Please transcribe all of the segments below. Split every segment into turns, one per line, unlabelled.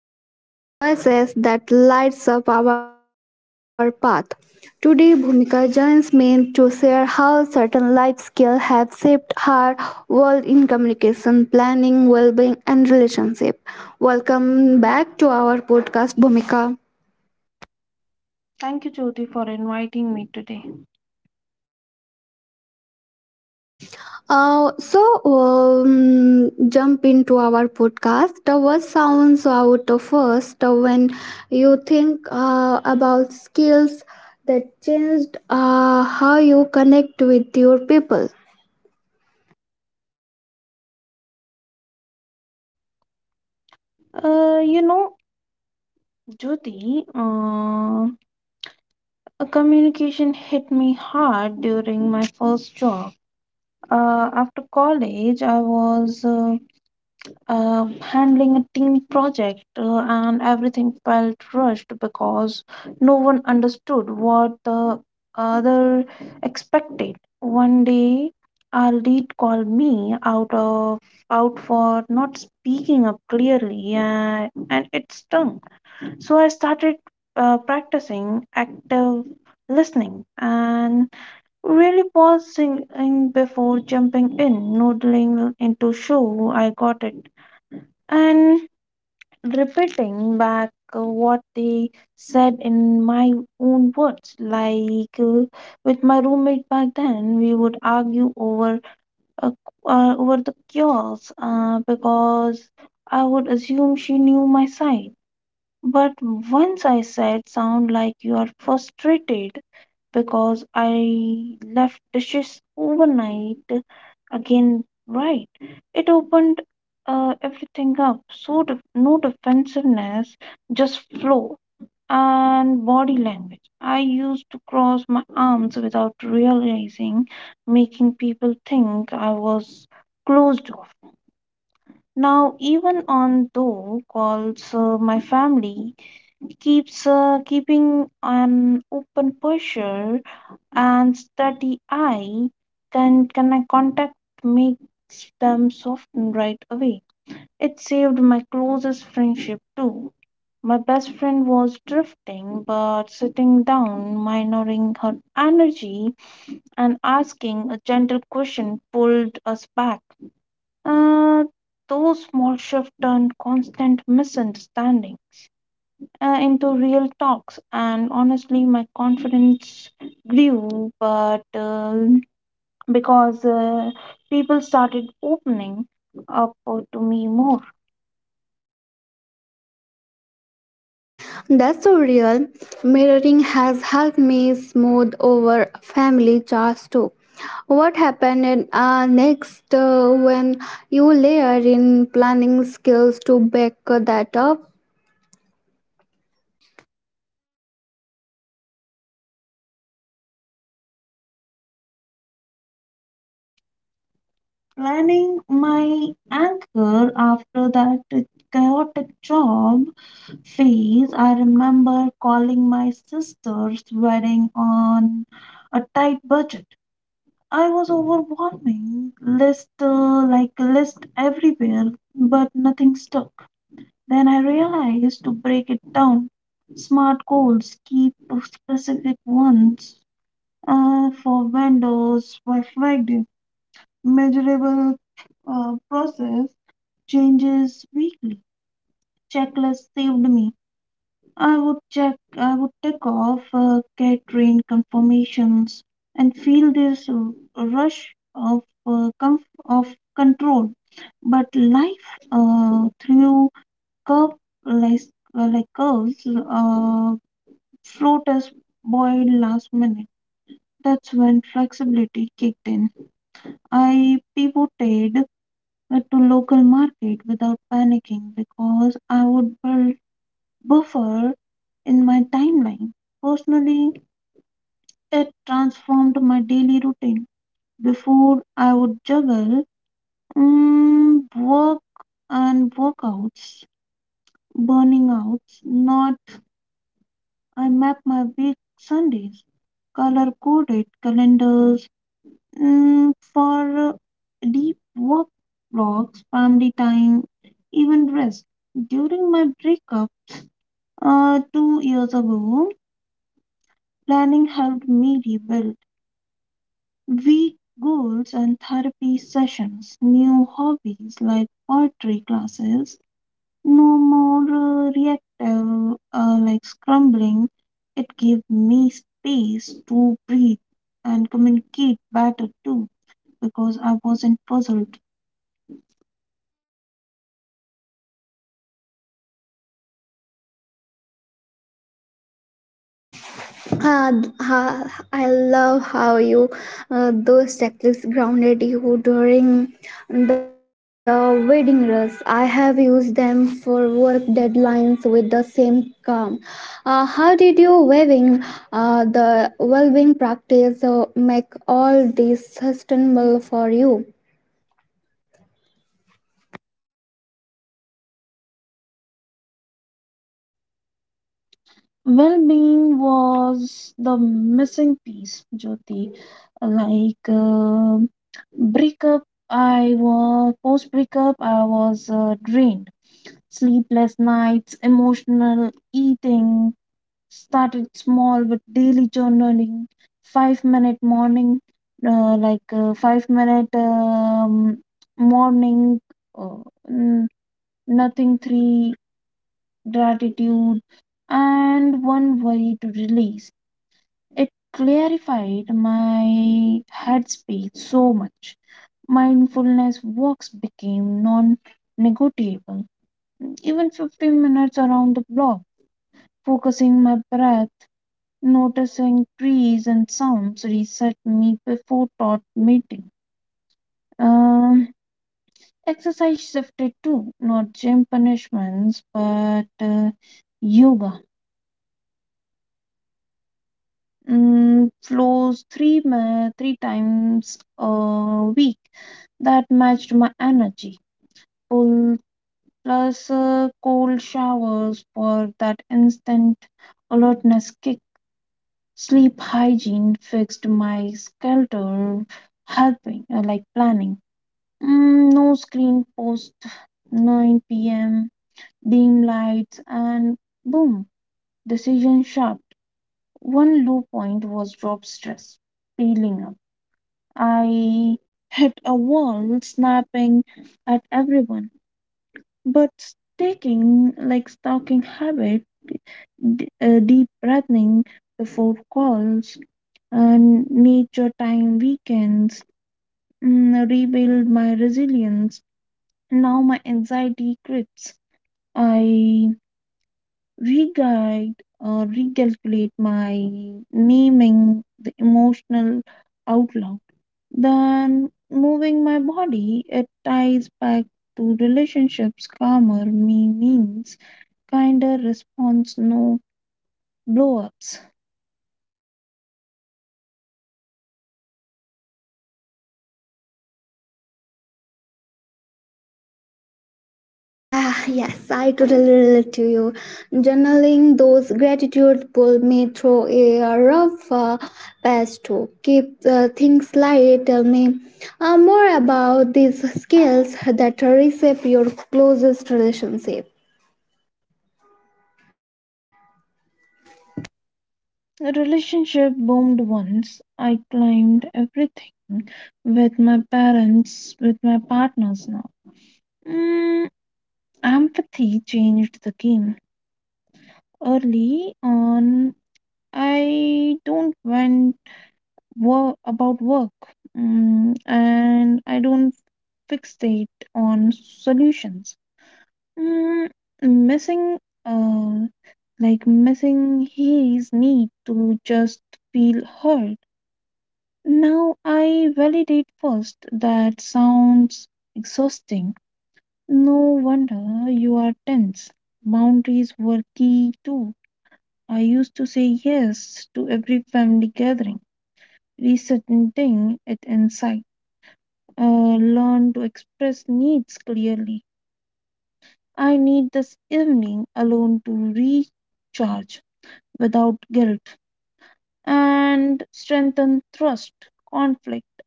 where we unpack everyday choices that lights up our path. Today, Bhumika joins me to share how certain life skills have shaped her world in communication, planning, well-being, and relationship. Welcome back to our podcast, Bhumika.
Thank you, Jyoti, for inviting me today.
So jump into our podcast. The word sounds out of first when you think about skills that changed how you connect with your people.
Uh, you know, Jyoti, a communication hit me hard during my first job. After college, I was handling a team project, and everything felt rushed because no one understood what the other expected. One day, our lead called me out for not speaking up clearly, and it stung. So I started practicing active listening and really pausing in before jumping in, noodling into show I got it and repeating back what they said in my own words. Like with my roommate back then, we would argue uh, over the cures because I would assume she knew my side. But once I said, "Sound like you are frustrated," because I left dishes overnight again, right? It opened everything up. So, no defensiveness, just flow and body language. I used to cross my arms without realizing, making people think I was closed off. Now, even on though calls, my family keeps keeping an open posture and study. Eye can contact makes them soften right away. It saved my closest friendship too. My best friend was drifting, but sitting down, minoring her energy, and asking a gentle question pulled us back. Uh, those small shifts turned constant misunderstanding into real talks, and honestly, my confidence grew, but because people started opening up to me more.
That's so real. Mirroring has helped me smooth over family chores too. What happened next when you layer in planning skills to back that up?
Planning my anchor after that chaotic job phase, I remember calling my sister's wedding on a tight budget. I was overwhelming list everywhere, but nothing stuck. Then I realized to break it down. Smart goals keep to specific ones for vendors, perfect measurable process changes weekly. Checklist saved me. I would take off catering confirmations and feel this rush of uh, comf- of control. But life through curve like like curves float us boiled last minute. That's when flexibility kicked in. I pivoted to local market without panicking because I would build buffer in my timeline. Personally, it transformed my daily routine. Before I would juggle work and workouts, burning outs, not I map my week Sundays, color coded calendars for deep work blocks, family time, even rest. During my breakup two years ago, planning helped me rebuild weak goals and therapy sessions, new hobbies like poetry classes, no more reactive like scrambling. It gave me space to breathe and communicate better too because I wasn't puzzled.
uh, I love how you those checklists grounded you during the wedding rush. I have used them for work deadlines with the same calm. How did you weaving the well-being practice make all this sustainable for you?
Well being was the missing piece, Jyoti. Like um breakup, I was post breakup, I was drained. Sleepless nights, emotional eating, started small with daily journaling, five minute morning, five minute morning, uh, n- nothing three gratitude, and one way to release. It clarified my headspace so much. Mindfulness walks became non negotiable. Even 15 minutes around the block, focusing my breath, noticing trees and sounds reset me before thought meeting. Um, Exercise shifted too, not gym punishments, but yoga flows three times a week that matched my energy pull plus cold showers for that instant alertness kick sleep hygiene fixed my skelter helping like planning no screen post 9 p.m dim lights and boom decision sharp one low point was job stress peeling up I hit a wall, snapping at everyone. But taking like stalking habit, deep breathing before calls, and nature time weekends rebuild my resilience. Now my anxiety creeps. I reguide or recalculate my naming the emotional outlook than moving my body. It ties back to relationships. Calmer me means kinder response, no blow ups.
Ah, yes, I totally relate to you. Journaling those gratitude pull me through a rough past to keep things light. Tell me more about these skills that reshape your closest relationship.
A relationship boomed once. I climbed everything with my parents, with my partners now. Mm, Empathy changed the game. Early on, I don't went about work and I don't fixate on solutions. Mm, missing, uh, Missing his need to just feel heard. Now I validate first. That sounds exhausting. No wonder you are tense. Boundaries were key too. I used to say yes to every family gathering, resetting it inside. Learn to express needs clearly. I need this evening alone to recharge without guilt and strengthen trust, conflict.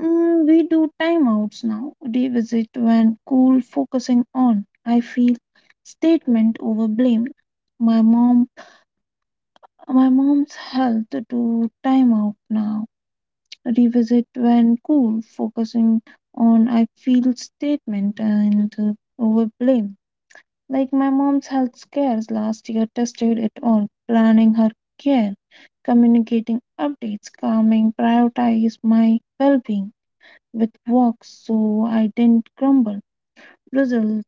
We do timeouts now, revisit when cool, focusing on. I feel statement over blame. My mom, my mom's health to timeout now, revisit when cool, focusing on. I feel statement and over blame. Like my mom's health scares last year tested it all, planning her care, communicating updates, calming, prioritize my well-being with walks so I didn't crumble. Result,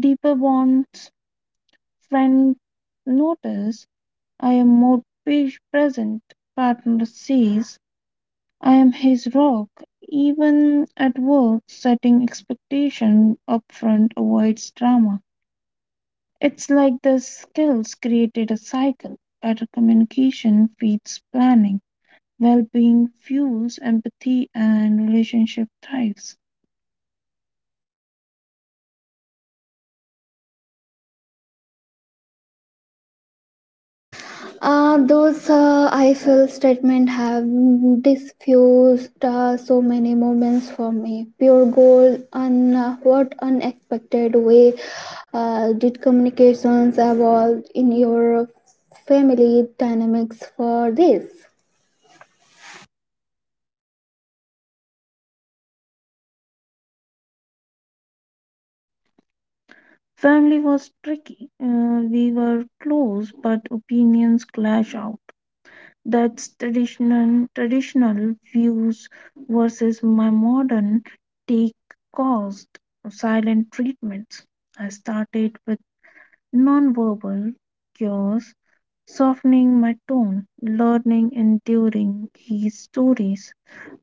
deeper bonds, friend notice I am more present, partner sees I am his rock. Even at work, setting expectation upfront avoids drama. It's like the skills created a cycle. Better communication feeds planning, well being fuels empathy, and relationship thrives.
Those I feel statement have diffused so many moments for me. Pure gold and what unexpected way did communications evolve in your family dynamics for this?
Family was tricky. We were close, but opinions clash out. That's traditional views versus my modern take caused silent treatments. I started with nonverbal cues, softening my tone, learning, enduring his stories.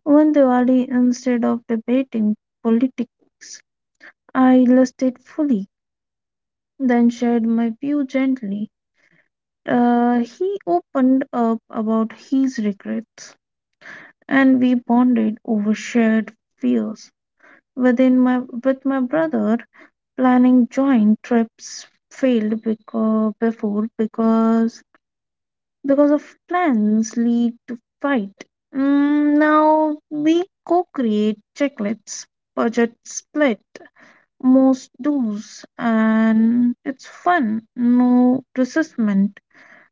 One Diwali, instead of debating politics, I listed fully, then shared my view gently. He opened up about his regrets, and we bonded over shared fears. With my brother, planning joint trips failed because before because of plans lead to fight. Now we co-create checklists, budget split, most do's, and it's fun. No resistment,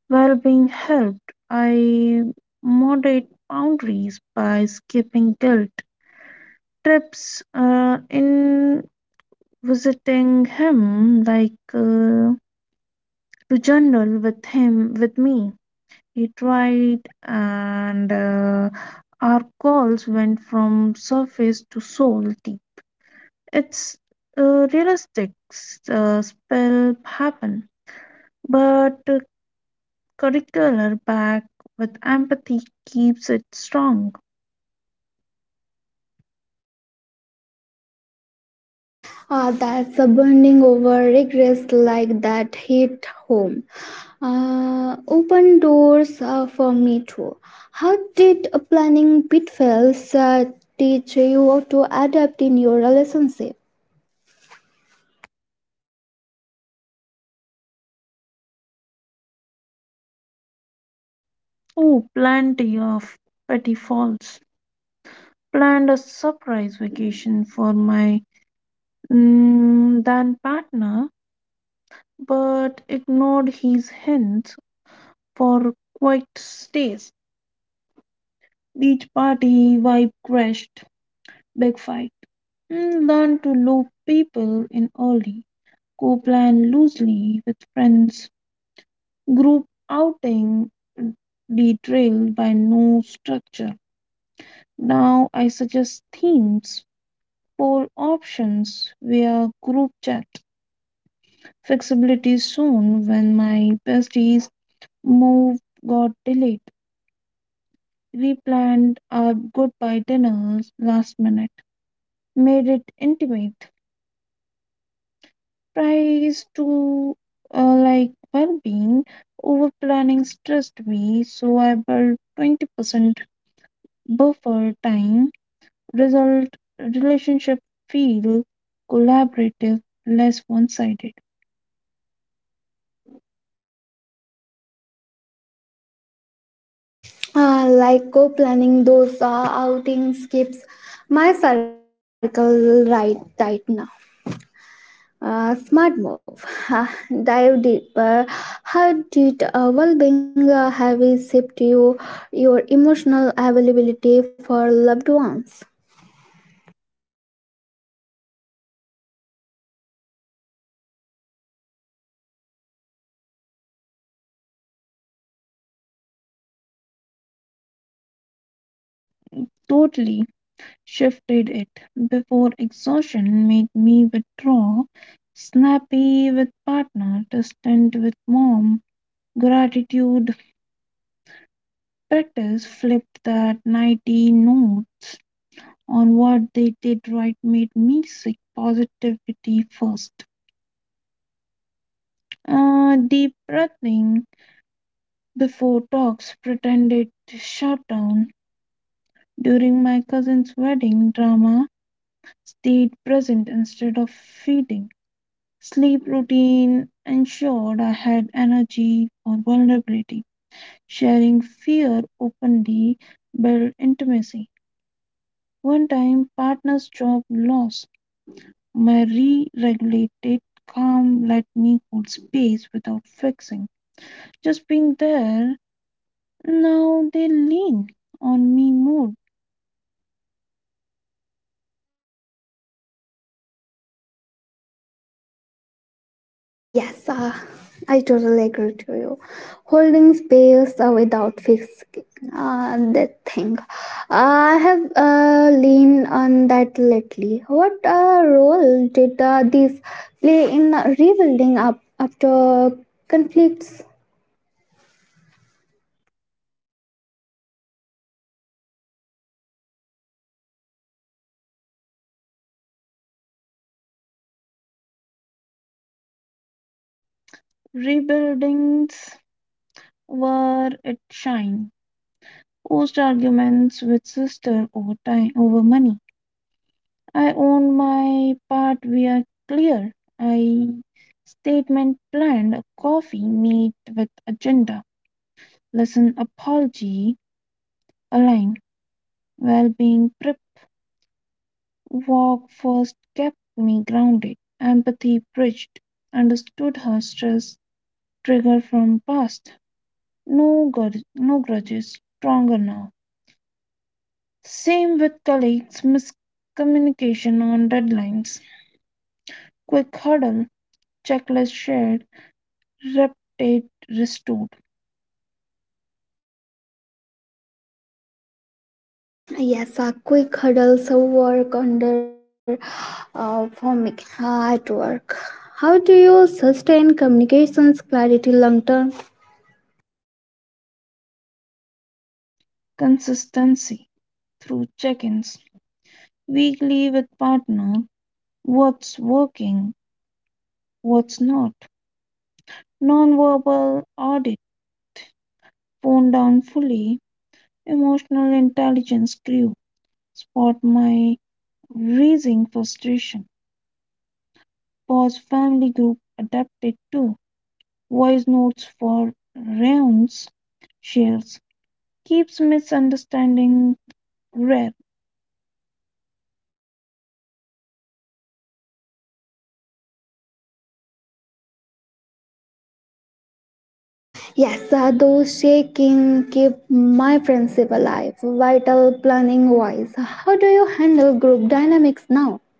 well being helped. I moderate boundaries by skipping guilt trips. In visiting him, to journal with me. It right, and our calls went from surface to soul deep. It's realistic spell happen, but curricular back with empathy keeps it strong.
Ah, that's a burning over regrets like that hit home. Open doors for me too. How did a planning pitfalls teach you to adapt in your relationship?
Oh, plenty of petty faults. Planned a surprise vacation for my then partner, but ignored his hints for quite stays. Beach party vibe crashed. Big fight. Learn to loop people in early. Co-plan loosely with friends. Group outing detailed by no structure. Now I suggest themes, poll options via group chat. Flexibility soon when my besties move got delayed. We planned our goodbye dinners last minute, made it intimate tries to like well-being over planning stressed me so I built 20% buffer time result relationship feel collaborative less one-sided
Like co-planning those outing skips my circle right now. Smart move. Ha, dive deeper. How did well-being have shaped you, your emotional availability for loved ones?
totally shifted it before exhaustion made me withdraw snappy with partner distant with mom gratitude practice flipped that 90 no on what they did right made me seek positivity first. Deep breathing before talks pretended shutdown. During my cousin's wedding, drama stayed present instead of feeding. Sleep routine ensured I had energy for vulnerability. Sharing fear openly built intimacy. One time, partner's job loss. My re-regulated calm let me hold space without fixing. Just being there, now they lean on me more.
Yes, I totally agree to you. Holding space without fixing that thing. I have leaned on that lately. What role did this play in rebuilding up after conflicts?
Rebuildings where it shine. Post arguments with sister over time over money. I own my part we are clear. I statement planned a coffee meet with agenda. Listen apology aligned well being. Walk first kept me grounded. Empathy bridged. Understood her stress trigger from past. No grudges. Stronger now. Same with colleagues. Miscommunication on deadlines. Quick huddle. Checklist shared. Reputate restored.
Yes, a quick hurdles of work under forming at work. How do you sustain communications clarity long term?
Consistency through check-ins. Weekly with partner. What's working? What's not? Non-verbal audit. Phone down fully. Emotional intelligence grew. Spot my raising frustration. Pause family group adapted to voice notes for rounds shares. Keeps misunderstanding rare.
Yes, those shaking keep my principle alive. Vital planning wise, how do you handle group dynamics now?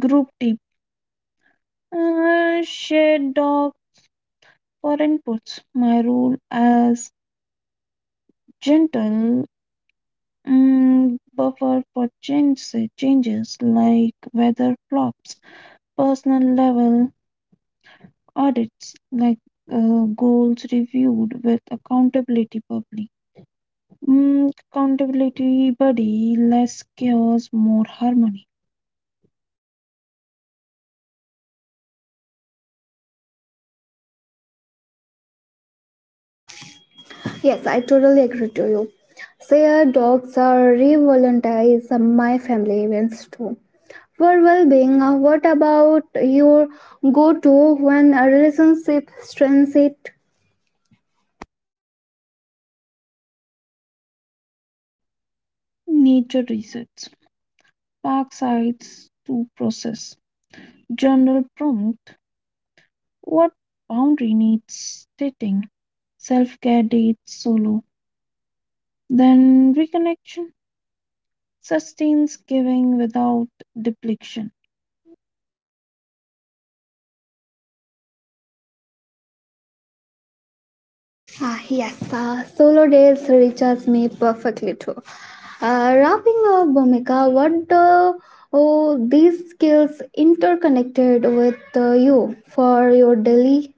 Group tip. Shared dog for inputs. My role as gentle buffer for changes like weather flops, personal level audits like goals reviewed with accountability public accountability body less chaos more harmony.
Yes, I totally agree to you. Their dogs are revolutionized my family events too. For well-being, what about your go-to when a relationship strains it?
Nature resets park sites to process general prompt what boundary needs setting self-care dates solo then reconnection sustains giving without depletion.
Ah, yes, solo days reaches me perfectly too. Wrapping up, Bhumika, what do oh, these skills interconnected with you for your daily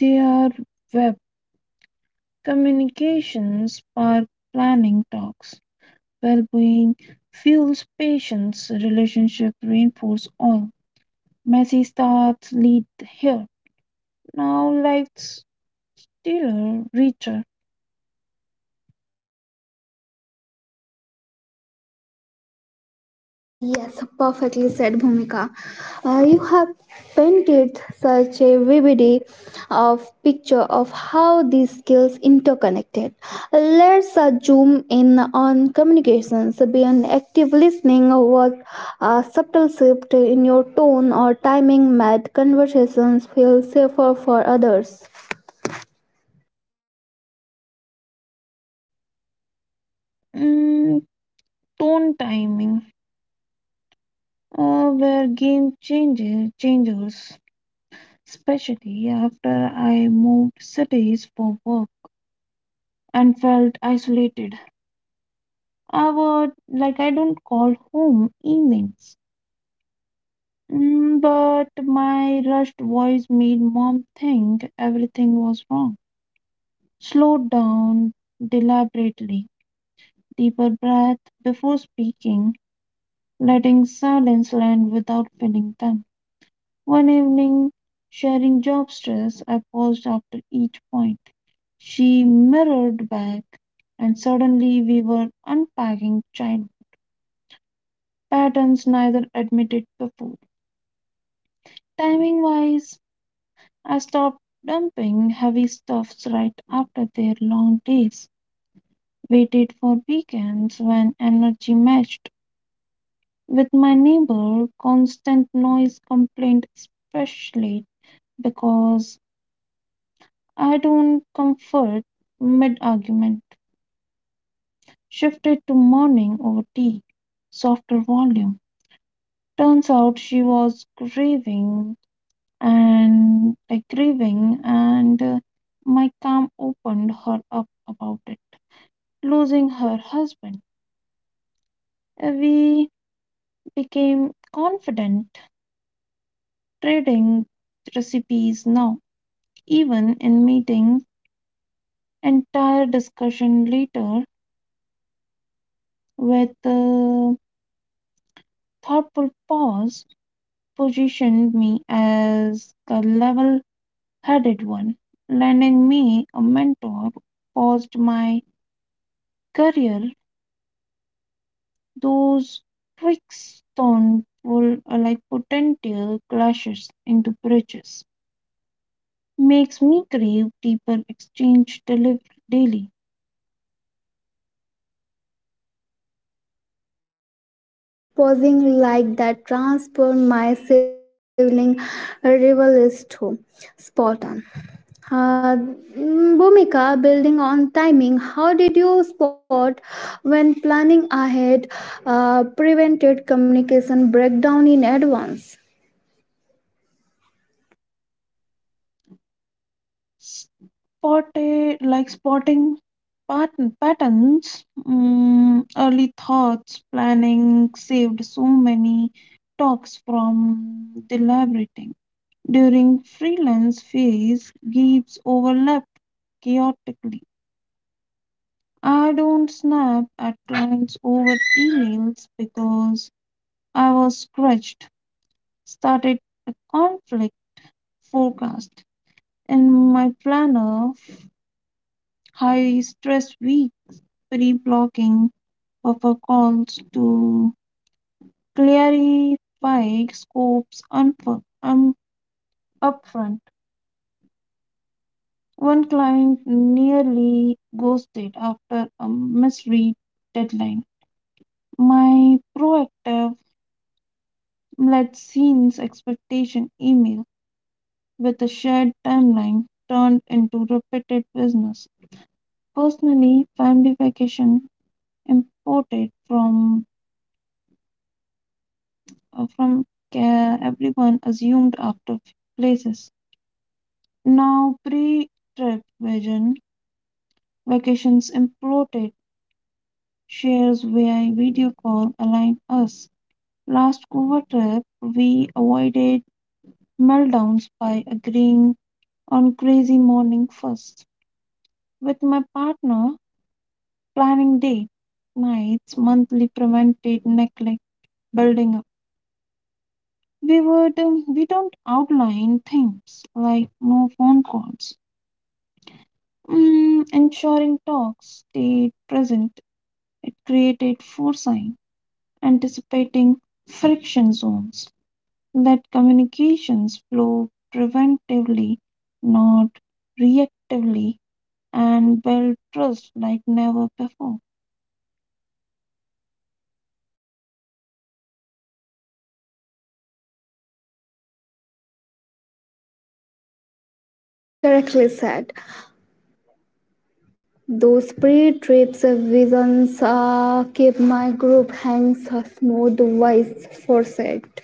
Their web communications park planning talks well being fuels patience, relationships reinforce all. Messy starts lead here. Now let's dealer richer.
ah, yes, perfectly said, Bhumika. You have painted such a vivid of picture of how these skills interconnected. Let's zoom in on communications beyond active listening. What a subtle shift in your tone or timing made conversations feel safer for others.
Mm, Tone timing. Where game changes, especially after I moved cities for work and felt isolated. I would like I don't call home evenings. But my rushed voice made mom think everything was wrong. Slow down deliberately, deeper breath before speaking, letting silence land without filling them. One evening, sharing job stress, I paused after each point. She mirrored back, and suddenly we were unpacking child patterns neither admitted before. Timing wise, I stopped dumping heavy stuffs right after their long days, waited for weekends when energy matched. With my neighbor, constant noise complaint, especially because I don't comfort mid argument. Shifted to morning over tea, softer volume. Turns out she was grieving and my calm opened her up about it. Losing her husband, we became confident, trading recipes now, even in meetings entire discussion later with a thoughtful pause positioned me as a level headed one, lending me a mentor, paused my career. Those twigs turned full potential clashes into bridges. Makes me crave deeper exchange delivered daily.
Yes, posing like that transformed my sibling rival is too spot on. Uh, Bhumika, building on timing, how did you spot when planning ahead prevented communication breakdown in advance?
Spotted like Spotting patterns early thoughts planning saved so many talks from deliberating during freelance phase gigs overlapped chaotically I don't snap at clients over emails because I was scratched started a conflict forecast in my planner high stress week pre-blocking Perfecons to clarify scopes upfront. One client nearly ghosted after a misread deadline. My proactive let scenes expectation email with a shared timeline turned into repeated business. Personally, family vacation imported from care everyone assumed after places. Now, pre trip vision, vacations imploded, shares via video call aligned us. Last Goa trip, we avoided meltdowns by agreeing on crazy morning first. With my partner, planning day, nights, monthly prevented neglect building up. We don't outline things like no phone calls, ensuring talks stayed present. It created foresight anticipating friction zones. Let communications flow preventively, not reactively, and build trust like never before.
Yes, I correctly said. Those pre-trips visions keep my group hands smooth, wise, foresight.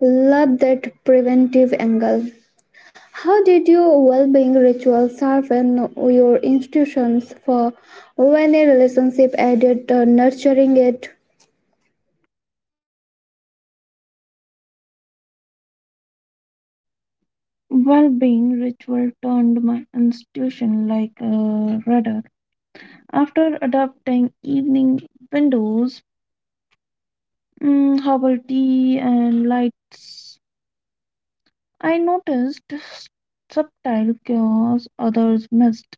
Love that preventive angle. How did your well-being ritual sharpen your institutions for when a relationship added nurturing it?
Well being ritual turned my institution like a rudder. After adopting evening windows, herbal tea, and lights, I noticed subtle cures others missed.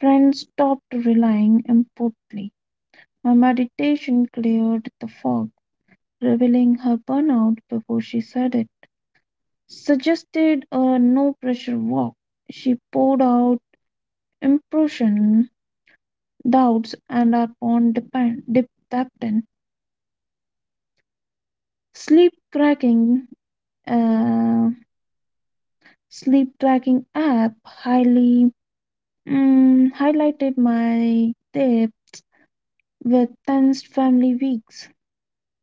Friends stopped relying impotently. Her meditation cleared the fog, revealing her burnout before she said it. Suggested a no pressure walk. She poured out impression, doubts, and upon depend, dependent sleep tracking, uh, sleep tracking app highly highlighted my dip with tensed family weeks,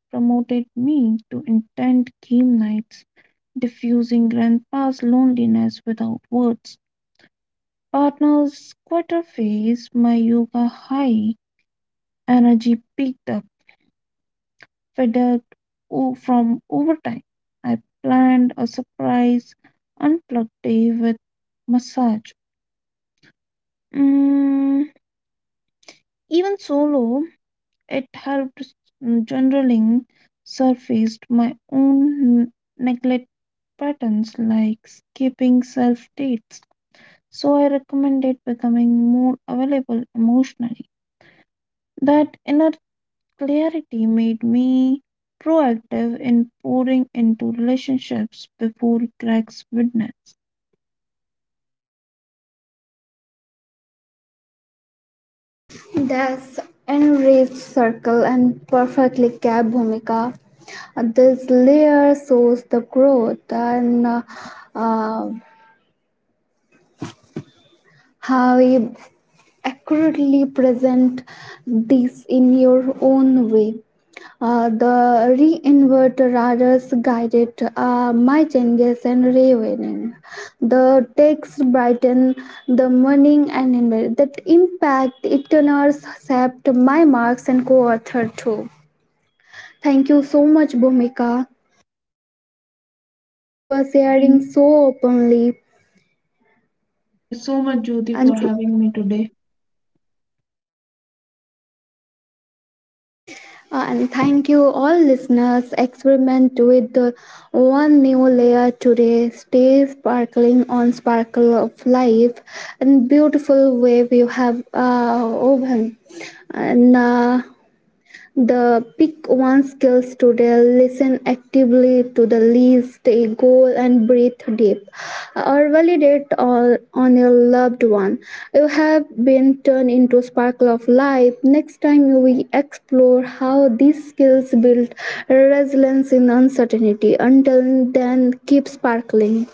promoted me to intent game nights diffusing grandpa's loneliness without words. Partner's quarter face, my yoga high energy picked up, fed up from overtime. I planned a surprise unplugged day with massage. Mm, Even solo, it helped journaling surfaced my own neglect patterns like skipping self dates. So I recommended becoming more available emotionally. That inner clarity made me proactive in pouring into relationships before cracks witnessed.
That's enriched circle and perfectly capped Bhumika. This layer shows the growth and uh, how you accurately present this in your own way. The re-invertebrates guided my changes and reawakening. The text brightened the morning and that impact it nurse shaped my marks and co-author too. Thank you so much, Bhumika, for
Thank,
sharing so openly.
Thank you so much, Jyoti, for
And
having me today.
And thank you, all listeners. Experiment with the one new layer today. Stay sparkling on sparkle of life and beautiful wave you have woven. And the pick one skill today, listen actively to the least a goal, and breathe deep. Or validate all on your loved one. You have been turned into a sparkle of life. Next time, you will explore how these skills build resilience in uncertainty. Until then, keep sparkling.